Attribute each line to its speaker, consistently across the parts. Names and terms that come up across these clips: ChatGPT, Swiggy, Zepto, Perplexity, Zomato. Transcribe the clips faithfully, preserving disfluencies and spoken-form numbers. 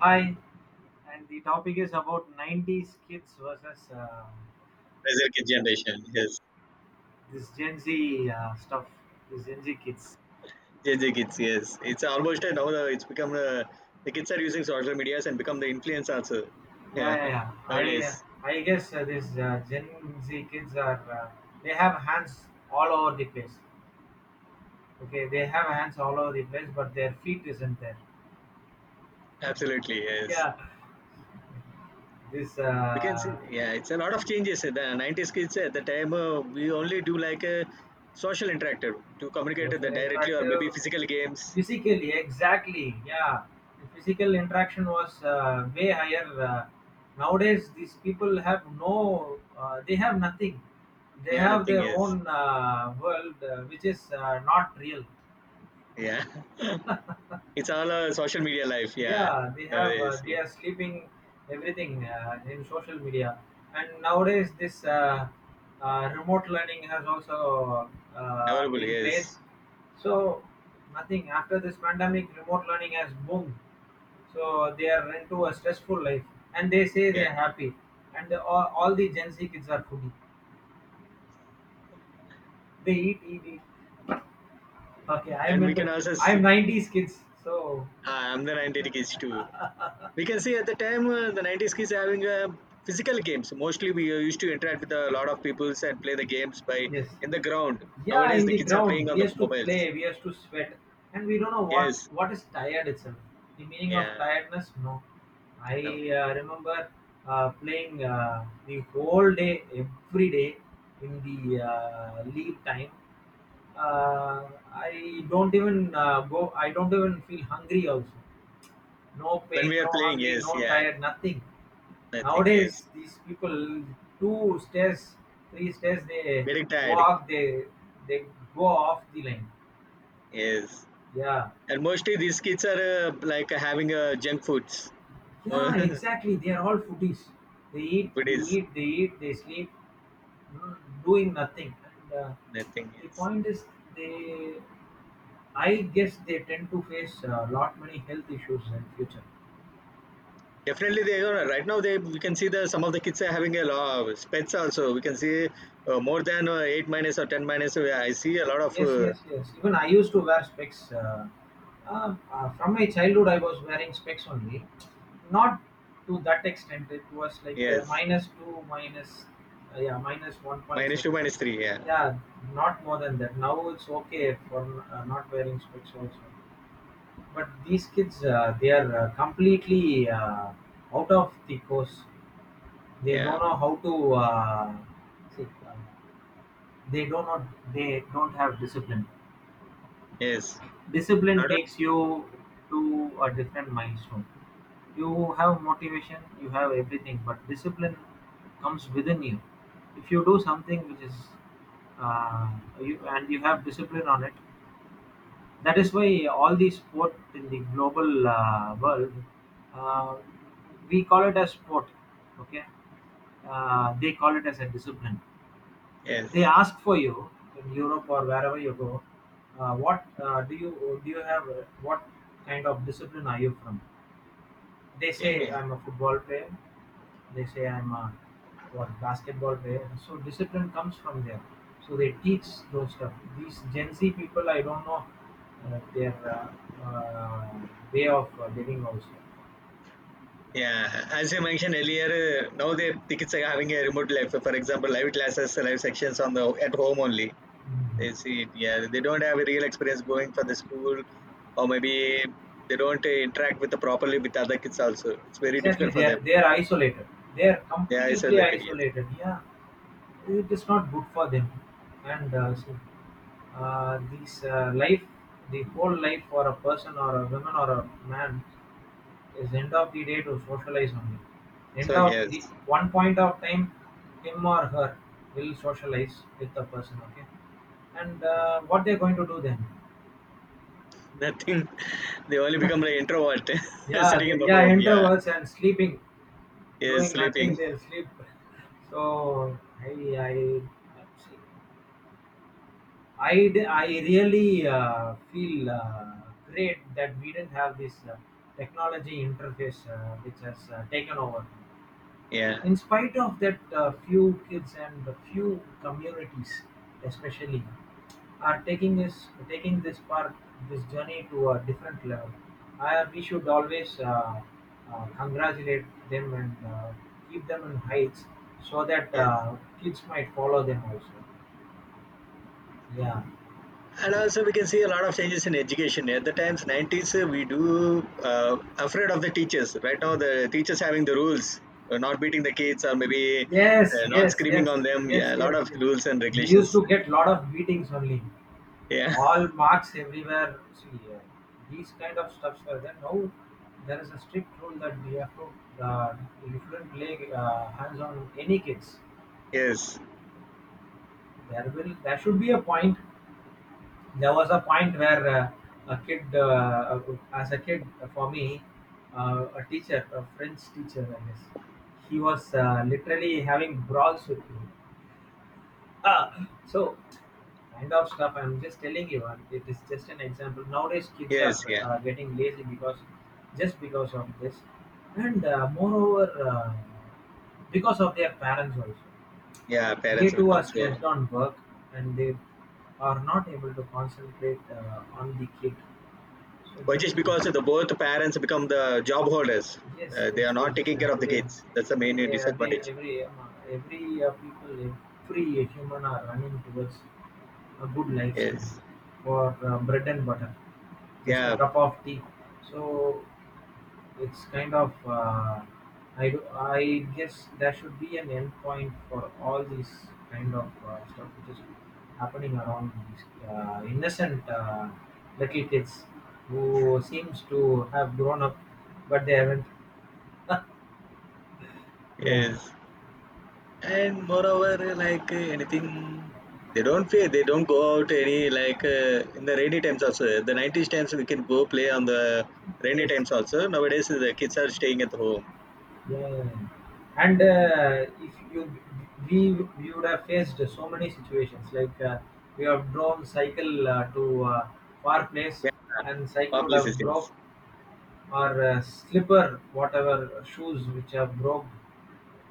Speaker 1: Hi, and the topic is about nineties kids versus uh,
Speaker 2: Pressure Kids generation. Yes,
Speaker 1: this Gen Z uh, stuff, this Gen Z kids.
Speaker 2: Gen Z kids. Yes, it's almost a, now. the- It's become a, the kids are using social medias and become the influence also.
Speaker 1: Yeah,
Speaker 2: Yeah,
Speaker 1: yeah, yeah. I,
Speaker 2: nowadays,
Speaker 1: uh, I guess uh, this uh, Gen Z kids are, uh, they have hands all over the place. Okay, they have hands all over the place, but their feet isn't there.
Speaker 2: absolutely yes.
Speaker 1: Yeah, this
Speaker 2: We can see.
Speaker 1: uh,
Speaker 2: Yeah, it's a lot of changes. The nineties kids at the time uh, we only do like a social interactive to communicate with the
Speaker 1: social
Speaker 2: directly or
Speaker 1: interactive
Speaker 2: maybe physical games.
Speaker 1: physically, exactly, yeah, the physical interaction was uh, way higher. Uh, nowadays these people have no uh, they have nothing, they
Speaker 2: Yeah,
Speaker 1: have
Speaker 2: nothing.
Speaker 1: their
Speaker 2: Yes.
Speaker 1: own uh, world uh, which is uh, not real.
Speaker 2: Yeah, it's all a social media life. Yeah,
Speaker 1: Yeah, they have uh,
Speaker 2: nowadays
Speaker 1: they
Speaker 2: yeah.
Speaker 1: are sleeping everything uh, in social media. And nowadays this uh, uh, remote learning has also uh,
Speaker 2: Available.
Speaker 1: in place,
Speaker 2: Yes.
Speaker 1: so nothing. After this pandemic, remote learning has boomed, so they are into a stressful life and they say
Speaker 2: Yeah,
Speaker 1: they are happy. And the, all, all the Gen Z kids are foodie, they eat eat eat. Okay, I'm
Speaker 2: and we can
Speaker 1: into,
Speaker 2: also. See,
Speaker 1: I'm nineties kids, so
Speaker 2: ah, I'm the ninety kids too. We can see at the time uh, the nineties kids having uh, physical games, mostly we uh, used to interact with a lot of people and play the games by
Speaker 1: yes.
Speaker 2: in the ground.
Speaker 1: Yeah,
Speaker 2: Nowadays
Speaker 1: in
Speaker 2: the
Speaker 1: the
Speaker 2: kids are
Speaker 1: ground,
Speaker 2: playing on
Speaker 1: we
Speaker 2: the
Speaker 1: used to
Speaker 2: mobiles.
Speaker 1: play, we used to sweat, and we don't know what
Speaker 2: Yes,
Speaker 1: what is tired itself. The meaning of
Speaker 2: yeah.
Speaker 1: tiredness, no. I
Speaker 2: No.
Speaker 1: uh, remember uh, playing uh, the whole day, every day in the uh, leave time. Uh, I don't even uh, go. I don't even feel hungry also. No
Speaker 2: When we
Speaker 1: pain,
Speaker 2: are
Speaker 1: no
Speaker 2: playing,
Speaker 1: hungry,
Speaker 2: yes,
Speaker 1: no
Speaker 2: yeah,
Speaker 1: tired, nothing.
Speaker 2: nothing, yes.
Speaker 1: Nowadays, these people, two stairs, three stairs, they
Speaker 2: Getting tired,
Speaker 1: walk, they they go off the line.
Speaker 2: yes.
Speaker 1: Yeah,
Speaker 2: And mostly these kids are uh, like having uh, junk foods.
Speaker 1: yeah,
Speaker 2: Food
Speaker 1: exactly. They are all foodies. They eat, they
Speaker 2: is
Speaker 1: eat, they eat, they sleep, mm, doing nothing. And uh,
Speaker 2: nothing,
Speaker 1: the
Speaker 2: yes.
Speaker 1: point is, they, I guess, they tend to face a lot many health issues in future.
Speaker 2: Definitely, they are right now. They We can see, the some of the kids are having a lot of pets also. We can see uh, more than uh, eight minus or ten minus. uh, I see a lot of
Speaker 1: Yes,
Speaker 2: uh,
Speaker 1: yes, yes. Even I used to wear specs. Uh, uh, uh, from my childhood, I was wearing specs only. Not to that extent. It was like uh,
Speaker 2: yes,
Speaker 1: minus two, minus uh, yeah, minus one point
Speaker 2: minus
Speaker 1: seven.
Speaker 2: two, minus three. Yeah,
Speaker 1: Yeah, not more than that. Now it's okay for uh, not wearing specs also. But these kids, uh, they are uh, completely uh, out of the course. They don't
Speaker 2: yeah,
Speaker 1: know how to. Uh, see, uh, they don't know. They don't have discipline.
Speaker 2: yes,
Speaker 1: Discipline
Speaker 2: not
Speaker 1: takes you to a different milestone. You have motivation, you have everything, but discipline comes within you. If you do something which is uh, you, and you have discipline on it, that is why all the sport in the global uh, world, uh, we call it as sport. Okay, uh, they call it as a discipline. They
Speaker 2: yes.
Speaker 1: ask for you in Europe or wherever you go. Uh, what uh, do you do? You have uh, what kind of discipline are you from? They
Speaker 2: Okay.
Speaker 1: say I'm a football player. They say I'm a what basketball player. So discipline comes from there. So they teach those stuff. These Gen Z people, I don't know uh, their uh, uh, way of uh, living also.
Speaker 2: Yeah, as you mentioned earlier, uh, now the the kids are having a remote life. For example, live classes, live sections on the at home only. They
Speaker 1: Mhm.
Speaker 2: see it. Yeah, they don't have a real experience going for the school, or maybe they don't uh, interact with the properly with other kids also. It's very
Speaker 1: Exactly,
Speaker 2: difficult
Speaker 1: they
Speaker 2: for
Speaker 1: are
Speaker 2: them.
Speaker 1: they are isolated. They are
Speaker 2: Yeah,
Speaker 1: completely
Speaker 2: isolated, yes.
Speaker 1: isolated. Yeah, it is not good for them. And uh, so uh, this uh, life, the whole life for a person or a woman or a man is end of the day to socialize only. End
Speaker 2: So
Speaker 1: of
Speaker 2: yes,
Speaker 1: the one point of time, him or her will socialize with the person. Okay, and uh, what they're going to do then?
Speaker 2: nothing. They only become like introvert,
Speaker 1: Yeah,
Speaker 2: sitting in
Speaker 1: they,
Speaker 2: the
Speaker 1: yeah,
Speaker 2: home. Yeah,
Speaker 1: introverts and sleeping,
Speaker 2: yes,
Speaker 1: doing
Speaker 2: sleeping.
Speaker 1: nothing. They'll sleep. So I, I, I, d- I really uh, feel uh, great that we didn't have this uh, technology interface uh, which has uh, taken over.
Speaker 2: Yeah,
Speaker 1: In spite of that, uh, few kids and the few communities, especially, are taking this taking this part, this journey to a different level. I, we should always uh, uh, congratulate them and uh, keep them in heights so that
Speaker 2: yes.
Speaker 1: uh, kids might follow them also. Yeah.
Speaker 2: And also we can see a lot of changes in education. At the times nineties, uh, we do uh, afraid of the teachers. Right now, the teachers having the rules, uh, not beating the kids or maybe
Speaker 1: Yes,
Speaker 2: uh, not
Speaker 1: yes,
Speaker 2: screaming
Speaker 1: yes,
Speaker 2: on them.
Speaker 1: yes,
Speaker 2: Yeah, a lot
Speaker 1: yes,
Speaker 2: of
Speaker 1: yes.
Speaker 2: rules and
Speaker 1: We used
Speaker 2: regulations.
Speaker 1: to get lot of beatings only.
Speaker 2: Yeah,
Speaker 1: All marks everywhere. See, uh, these kind of stuffs were there. Now there is a strict rule that we have to, uh, you shouldn't lay uh, hands on any kids.
Speaker 2: yes,
Speaker 1: There will, there should be a point. There was a point where uh, a kid, uh, uh, as a kid, uh, for me, uh, a teacher, a French teacher, I guess, he was uh, literally having brawls with me. Ah, so kind of stuff I'm just telling you, and it is just an example. Nowadays kids are
Speaker 2: yes, yeah,
Speaker 1: uh, getting lazy, because just because of this, and uh, moreover uh, because of their parents also,
Speaker 2: yeah.
Speaker 1: they
Speaker 2: Parents will
Speaker 1: too
Speaker 2: come
Speaker 1: are
Speaker 2: through,
Speaker 1: stressed on work and they are not able to concentrate uh, on the kid, so
Speaker 2: which
Speaker 1: that
Speaker 2: is
Speaker 1: is,
Speaker 2: because the both parents become the job holders.
Speaker 1: yes
Speaker 2: Uh, they
Speaker 1: yes
Speaker 2: are not
Speaker 1: yes.
Speaker 2: taking
Speaker 1: Uh,
Speaker 2: care of the
Speaker 1: today
Speaker 2: kids. That's the main
Speaker 1: today, every
Speaker 2: disadvantage.
Speaker 1: every uh, every uh, people, every human are running towards a good lifestyle
Speaker 2: Yes.
Speaker 1: for uh, bread and butter, just a
Speaker 2: Yeah.
Speaker 1: cup of tea. So it's kind of uh, I do, I guess there should be an end point for all these kind of uh, stuff which is happening around these uh, innocent uh, little kids who seems to have grown up, but they haven't. Yeah.
Speaker 2: Yes. And moreover, like uh, anything, they don't play. They don't go out any like uh, in the rainy times also. The nineties times we can go play on the rainy
Speaker 1: Yes.
Speaker 2: times also. Nowadays the kids are staying at home.
Speaker 1: Yeah, yeah, yeah. And uh, if you we we would have faced so many situations like uh, we have drawn cycle uh, to uh, far place
Speaker 2: Yeah.
Speaker 1: and cycle would have broke
Speaker 2: Publicities.
Speaker 1: or uh, slipper whatever shoes which have broke.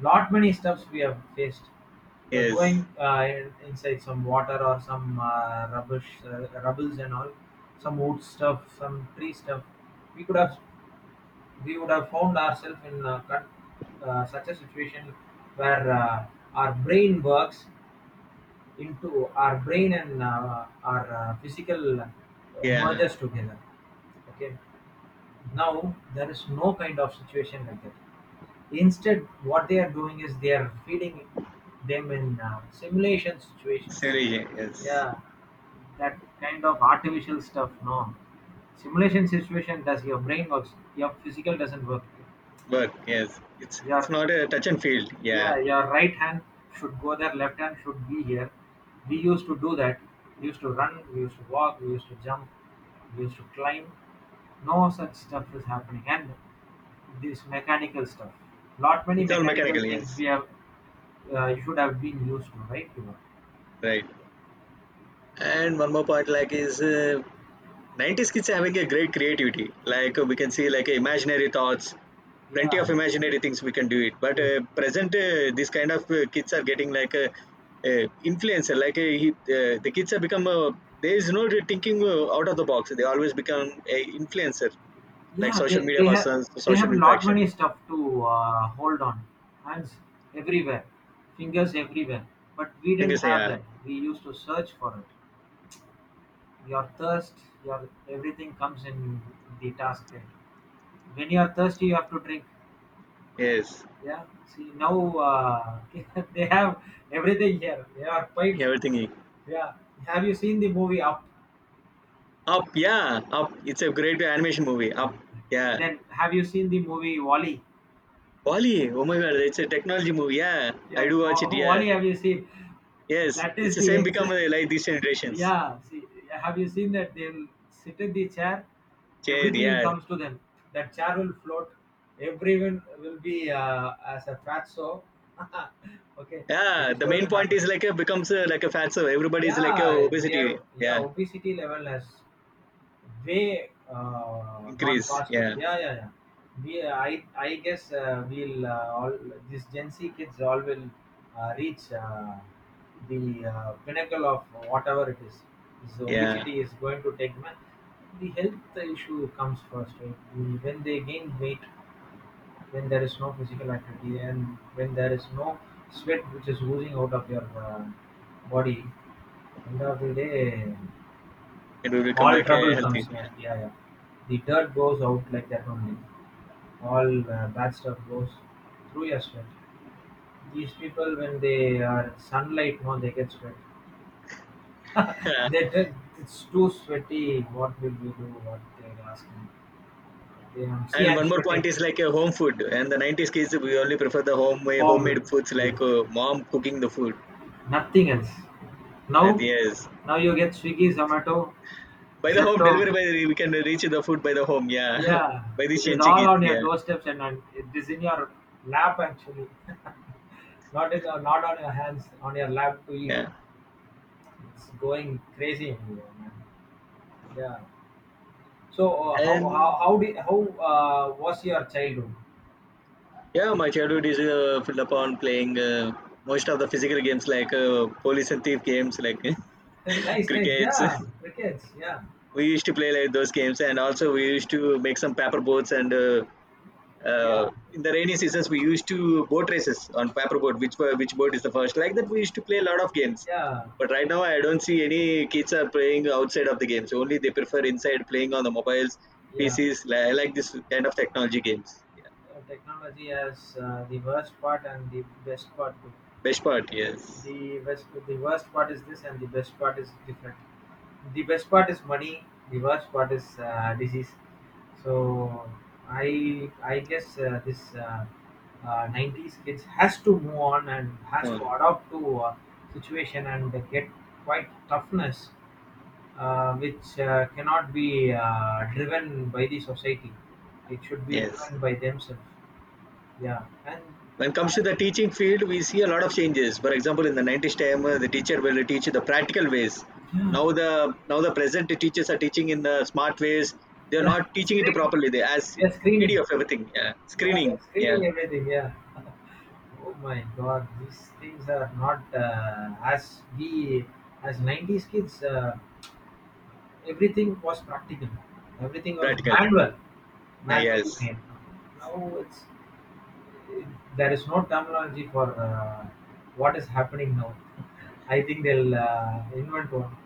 Speaker 1: Lot many stuffs we have faced. Uh,
Speaker 2: Yes.
Speaker 1: going uh, in, inside some water or some uh, rubbish, uh, rubbles and all, some wood stuff, some tree stuff. We could have we would have found ourselves in uh, con- uh, such a situation where uh, our brain works into our brain and uh, our uh, physical uh,
Speaker 2: Yeah.
Speaker 1: merges together. Okay, now there is no kind of situation like that. Instead, what they are doing is they are feeding them in uh, simulation situations.
Speaker 2: Silly. Yes.
Speaker 1: Yeah, that kind of artificial stuff, no, simulation situation, does your brain works, your physical doesn't work.
Speaker 2: Work. Yes. It's it's
Speaker 1: Your
Speaker 2: not a touch and field. Yeah.
Speaker 1: Yeah, your right hand should go there, left hand should be here. We used to do that. We used to run, we used to walk, we used to jump, we used to climb. No such stuff is happening. And this mechanical stuff. Not many
Speaker 2: It's all
Speaker 1: mechanical
Speaker 2: mechanical,
Speaker 1: things
Speaker 2: yes.
Speaker 1: we have uh, you should have been used to, right? Yuva?
Speaker 2: Right. And one more point, like, is uh, nineties kids having a great creativity. Like, uh, we can see, like, imaginary thoughts, plenty
Speaker 1: Yeah,
Speaker 2: of imaginary things we can do it. But
Speaker 1: yes.
Speaker 2: uh, present, uh, this kind of uh, kids are getting, like, a uh, influencer. Like, uh, he, uh, the kids have become, uh, there is no thinking uh, out of the box. They always become a influencer, like
Speaker 1: Yeah,
Speaker 2: social
Speaker 1: they,
Speaker 2: media
Speaker 1: they have,
Speaker 2: persons,
Speaker 1: they
Speaker 2: social
Speaker 1: have a lot
Speaker 2: interactions.
Speaker 1: many stuff to uh, hold on. Hands everywhere, fingers everywhere. But we didn't
Speaker 2: Fingers,
Speaker 1: have
Speaker 2: yeah.
Speaker 1: that. We used to search for it. Your thirst, your everything comes in the task. Right? When you are thirsty, you have to drink.
Speaker 2: Yes.
Speaker 1: Yeah. See now uh, they have everything here. They are piped.
Speaker 2: Everything.
Speaker 1: Yeah. Have you seen the movie Up?
Speaker 2: Up, yeah. Up. It's a great animation movie.
Speaker 1: Yeah.
Speaker 2: Up. Yeah,
Speaker 1: Then have you seen the movie Wally?
Speaker 2: Wally, oh my god, it's a technology movie. Yeah, I
Speaker 1: Yeah,
Speaker 2: do watch it.
Speaker 1: Wa-
Speaker 2: Yeah,
Speaker 1: Wally, have you seen?
Speaker 2: yes,
Speaker 1: That
Speaker 2: it's
Speaker 1: is
Speaker 2: the
Speaker 1: the
Speaker 2: same become
Speaker 1: exit.
Speaker 2: uh, like these generations.
Speaker 1: Yeah, see, have you seen that they'll sit in the chair?
Speaker 2: Yeah,
Speaker 1: Everything
Speaker 2: yeah,
Speaker 1: comes to them. That chair will float. Everyone will be uh, as a fat so. Okay, it
Speaker 2: yeah.
Speaker 1: is
Speaker 2: The
Speaker 1: going
Speaker 2: main
Speaker 1: to
Speaker 2: point
Speaker 1: happen.
Speaker 2: is like a becomes uh, like a fat so everybody is like a
Speaker 1: Yeah, their,
Speaker 2: obesity.
Speaker 1: yeah,
Speaker 2: Yeah,
Speaker 1: obesity level has way uh, gone
Speaker 2: increase.
Speaker 1: past it.
Speaker 2: Yeah,
Speaker 1: Yeah, yeah, yeah. We, I, I guess uh, we'll uh, all these Gen Z kids all will uh, reach uh, the uh, pinnacle of whatever it is. This
Speaker 2: yeah,
Speaker 1: obesity is going to take man. The health issue comes first. Right? The- When they gain weight, when there is no physical activity, and when there is no sweat which is oozing out of your uh, body, end of the day
Speaker 2: and we become
Speaker 1: all
Speaker 2: like a
Speaker 1: trouble
Speaker 2: healthy.
Speaker 1: comes, yeah, yeah, yeah. The dirt goes out like that only, all uh, bad stuff goes through your sweat. These people when they are sunlight no they get sweat.
Speaker 2: Yeah.
Speaker 1: They t- it's too sweaty, what will you do, what they're asking. They um, see
Speaker 2: And
Speaker 1: I'm
Speaker 2: one more point
Speaker 1: sweating,
Speaker 2: is like a home food. And the nineties kids we only prefer the home uh, homemade
Speaker 1: home,
Speaker 2: foods like
Speaker 1: yes,
Speaker 2: uh, mom cooking the food.
Speaker 1: nothing else.
Speaker 2: And
Speaker 1: Now,
Speaker 2: yes,
Speaker 1: now you get Swiggy, Zomato,
Speaker 2: by the home
Speaker 1: Zepto,
Speaker 2: delivery by the, we can reach the food by the home. Yeah,
Speaker 1: yeah,
Speaker 2: by the
Speaker 1: it is
Speaker 2: change
Speaker 1: all
Speaker 2: kids.
Speaker 1: on your
Speaker 2: Yeah,
Speaker 1: doorsteps and on, it is in your lap actually. Not in, not on your hands, on your lap to eat.
Speaker 2: yeah.
Speaker 1: It's going crazy in here, man. Yeah. So uh, how how
Speaker 2: And
Speaker 1: how did how uh, was your childhood?
Speaker 2: yeah, my childhood is uh, filled upon playing uh, most of the physical games like uh, police and thief games, like
Speaker 1: Nice, nice.
Speaker 2: crickets.
Speaker 1: Yeah, crickets. Yeah,
Speaker 2: We used to play like those games, and also we used to make some paper boats. And uh, uh,
Speaker 1: yeah,
Speaker 2: in the rainy seasons, we used to boat races on paper boat. Which bo- which boat is the first? Like that, we used to play a lot of games.
Speaker 1: yeah,
Speaker 2: But right now, I don't see any kids are playing outside of the games. Only they prefer inside playing on the mobiles,
Speaker 1: yeah.
Speaker 2: P Cs. li- I like this kind of technology games. Yeah.
Speaker 1: Uh, technology has uh, the worst part and the best part too.
Speaker 2: Best part, yes.
Speaker 1: The best, the worst part is this, and the best part is different. The best part is money. The worst part is uh, disease. So I I guess uh, this uh, uh, nineties kids has to move on and has to
Speaker 2: Mm.
Speaker 1: adapt to uh, situation and get quite toughness, uh, which uh, cannot be uh, driven by the society. It should be
Speaker 2: Yes.
Speaker 1: driven by themselves. Yeah, and
Speaker 2: When it comes to the teaching field, we see a lot of changes. For example, in the nineties time, uh, the teacher will teach the practical ways.
Speaker 1: yeah,
Speaker 2: Now the now the present teachers are teaching in the smart ways. They are
Speaker 1: yeah,
Speaker 2: not teaching it
Speaker 1: screening.
Speaker 2: properly. They as
Speaker 1: Yeah, screening.
Speaker 2: P D F everything. Yeah.
Speaker 1: Yeah, they're
Speaker 2: Screening. Yeah.
Speaker 1: screening everything. Yeah. Oh my God, these things are not uh, as we as nineties kids. Uh, everything was practical. Everything was
Speaker 2: Practical.
Speaker 1: manual,
Speaker 2: Uh,
Speaker 1: manually
Speaker 2: yes.
Speaker 1: made. Now it's there is no terminology for uh, what is happening now. I think they'll uh, invent one.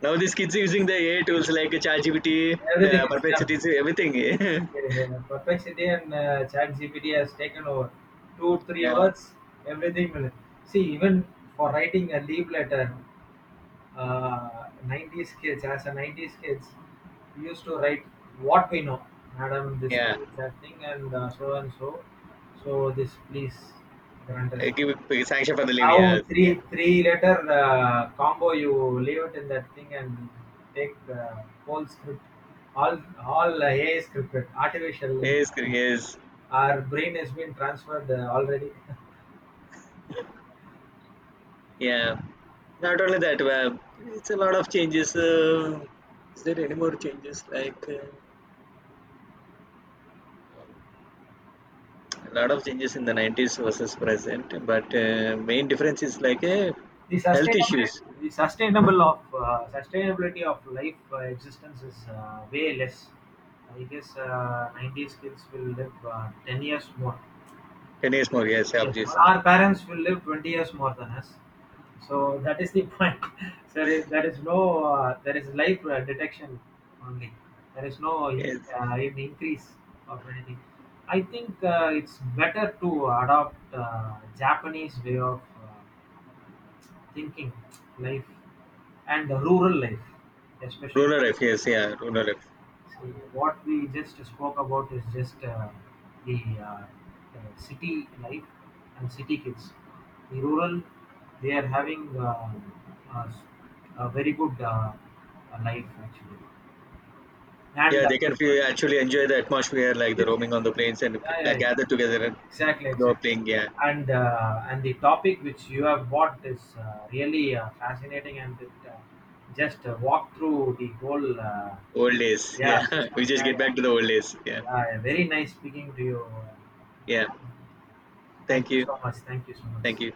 Speaker 2: Now these kids are using the A I tools like ChatGPT,
Speaker 1: Everything
Speaker 2: uh,
Speaker 1: is done.
Speaker 2: Perplexity, everything.
Speaker 1: Yeah, Perplexity and uh, ChatGPT has taken over two, three
Speaker 2: Yeah.
Speaker 1: words, everything will. See, even for writing a leave letter, uh, nineties kids, as a nineties kids, we used to write what we know, madam, this
Speaker 2: Yeah.
Speaker 1: thing, that thing, and uh, so and so. So, this please grant us.
Speaker 2: Uh, give sanction for the leave. Yes.
Speaker 1: How
Speaker 2: Yeah.
Speaker 1: three three letter uh, combo you leave it in that thing and take uh, whole script, all all uh, A I scripted, artificial
Speaker 2: Yes.
Speaker 1: intelligence.
Speaker 2: Yes.
Speaker 1: Our brain has been transferred uh, already.
Speaker 2: Yeah, not only that, uh, it's a lot of changes. Uh, is there any more changes? Like uh, a lot of changes in the nineties versus present, but uh, main difference is like uh,
Speaker 1: the
Speaker 2: health
Speaker 1: sustainable
Speaker 2: issues.
Speaker 1: the sustainable of uh, sustainability of life uh, existence is uh, way less. I guess uh, ninety kids will live uh, ten years more.
Speaker 2: ten years more, yes,
Speaker 1: Yes,
Speaker 2: obviously.
Speaker 1: our parents will live twenty years more than us. So that is the point. So there is there is no, uh, there is life uh, detection only. There is no uh, in-
Speaker 2: Yes.
Speaker 1: uh, in- increase of anything. I think uh, it's better to adopt uh, Japanese way of uh, thinking life and the rural life, especially
Speaker 2: Rural life, yes,
Speaker 1: uh,
Speaker 2: yeah,
Speaker 1: rural
Speaker 2: rural
Speaker 1: life.
Speaker 2: life.
Speaker 1: See, what we just spoke about is just uh, the uh, uh, city life and city kids. The rural, they are having uh, uh, s- a very good uh, uh, life actually.
Speaker 2: Yeah,
Speaker 1: And uh,
Speaker 2: they
Speaker 1: this,
Speaker 2: can
Speaker 1: yes,
Speaker 2: feel, actually enjoy the atmosphere, like the
Speaker 1: yes,
Speaker 2: roaming
Speaker 1: yes,
Speaker 2: on the plains and
Speaker 1: yeah, yeah,
Speaker 2: like,
Speaker 1: yeah.
Speaker 2: gather together and
Speaker 1: Exactly,
Speaker 2: go
Speaker 1: exactly.
Speaker 2: playing. Yeah,
Speaker 1: And uh, and the topic which you have brought is uh, really uh, fascinating, and it uh, just uh, walk through the whole uh,
Speaker 2: old days. Yeah,
Speaker 1: yeah
Speaker 2: we
Speaker 1: system.
Speaker 2: just
Speaker 1: Yeah,
Speaker 2: get
Speaker 1: yeah,
Speaker 2: back to the old days. Yeah,
Speaker 1: yeah, yeah. Very nice speaking to you.
Speaker 2: yeah.
Speaker 1: Thank
Speaker 2: Thank
Speaker 1: you
Speaker 2: you.
Speaker 1: so much. Thank you so much.
Speaker 2: Thank you.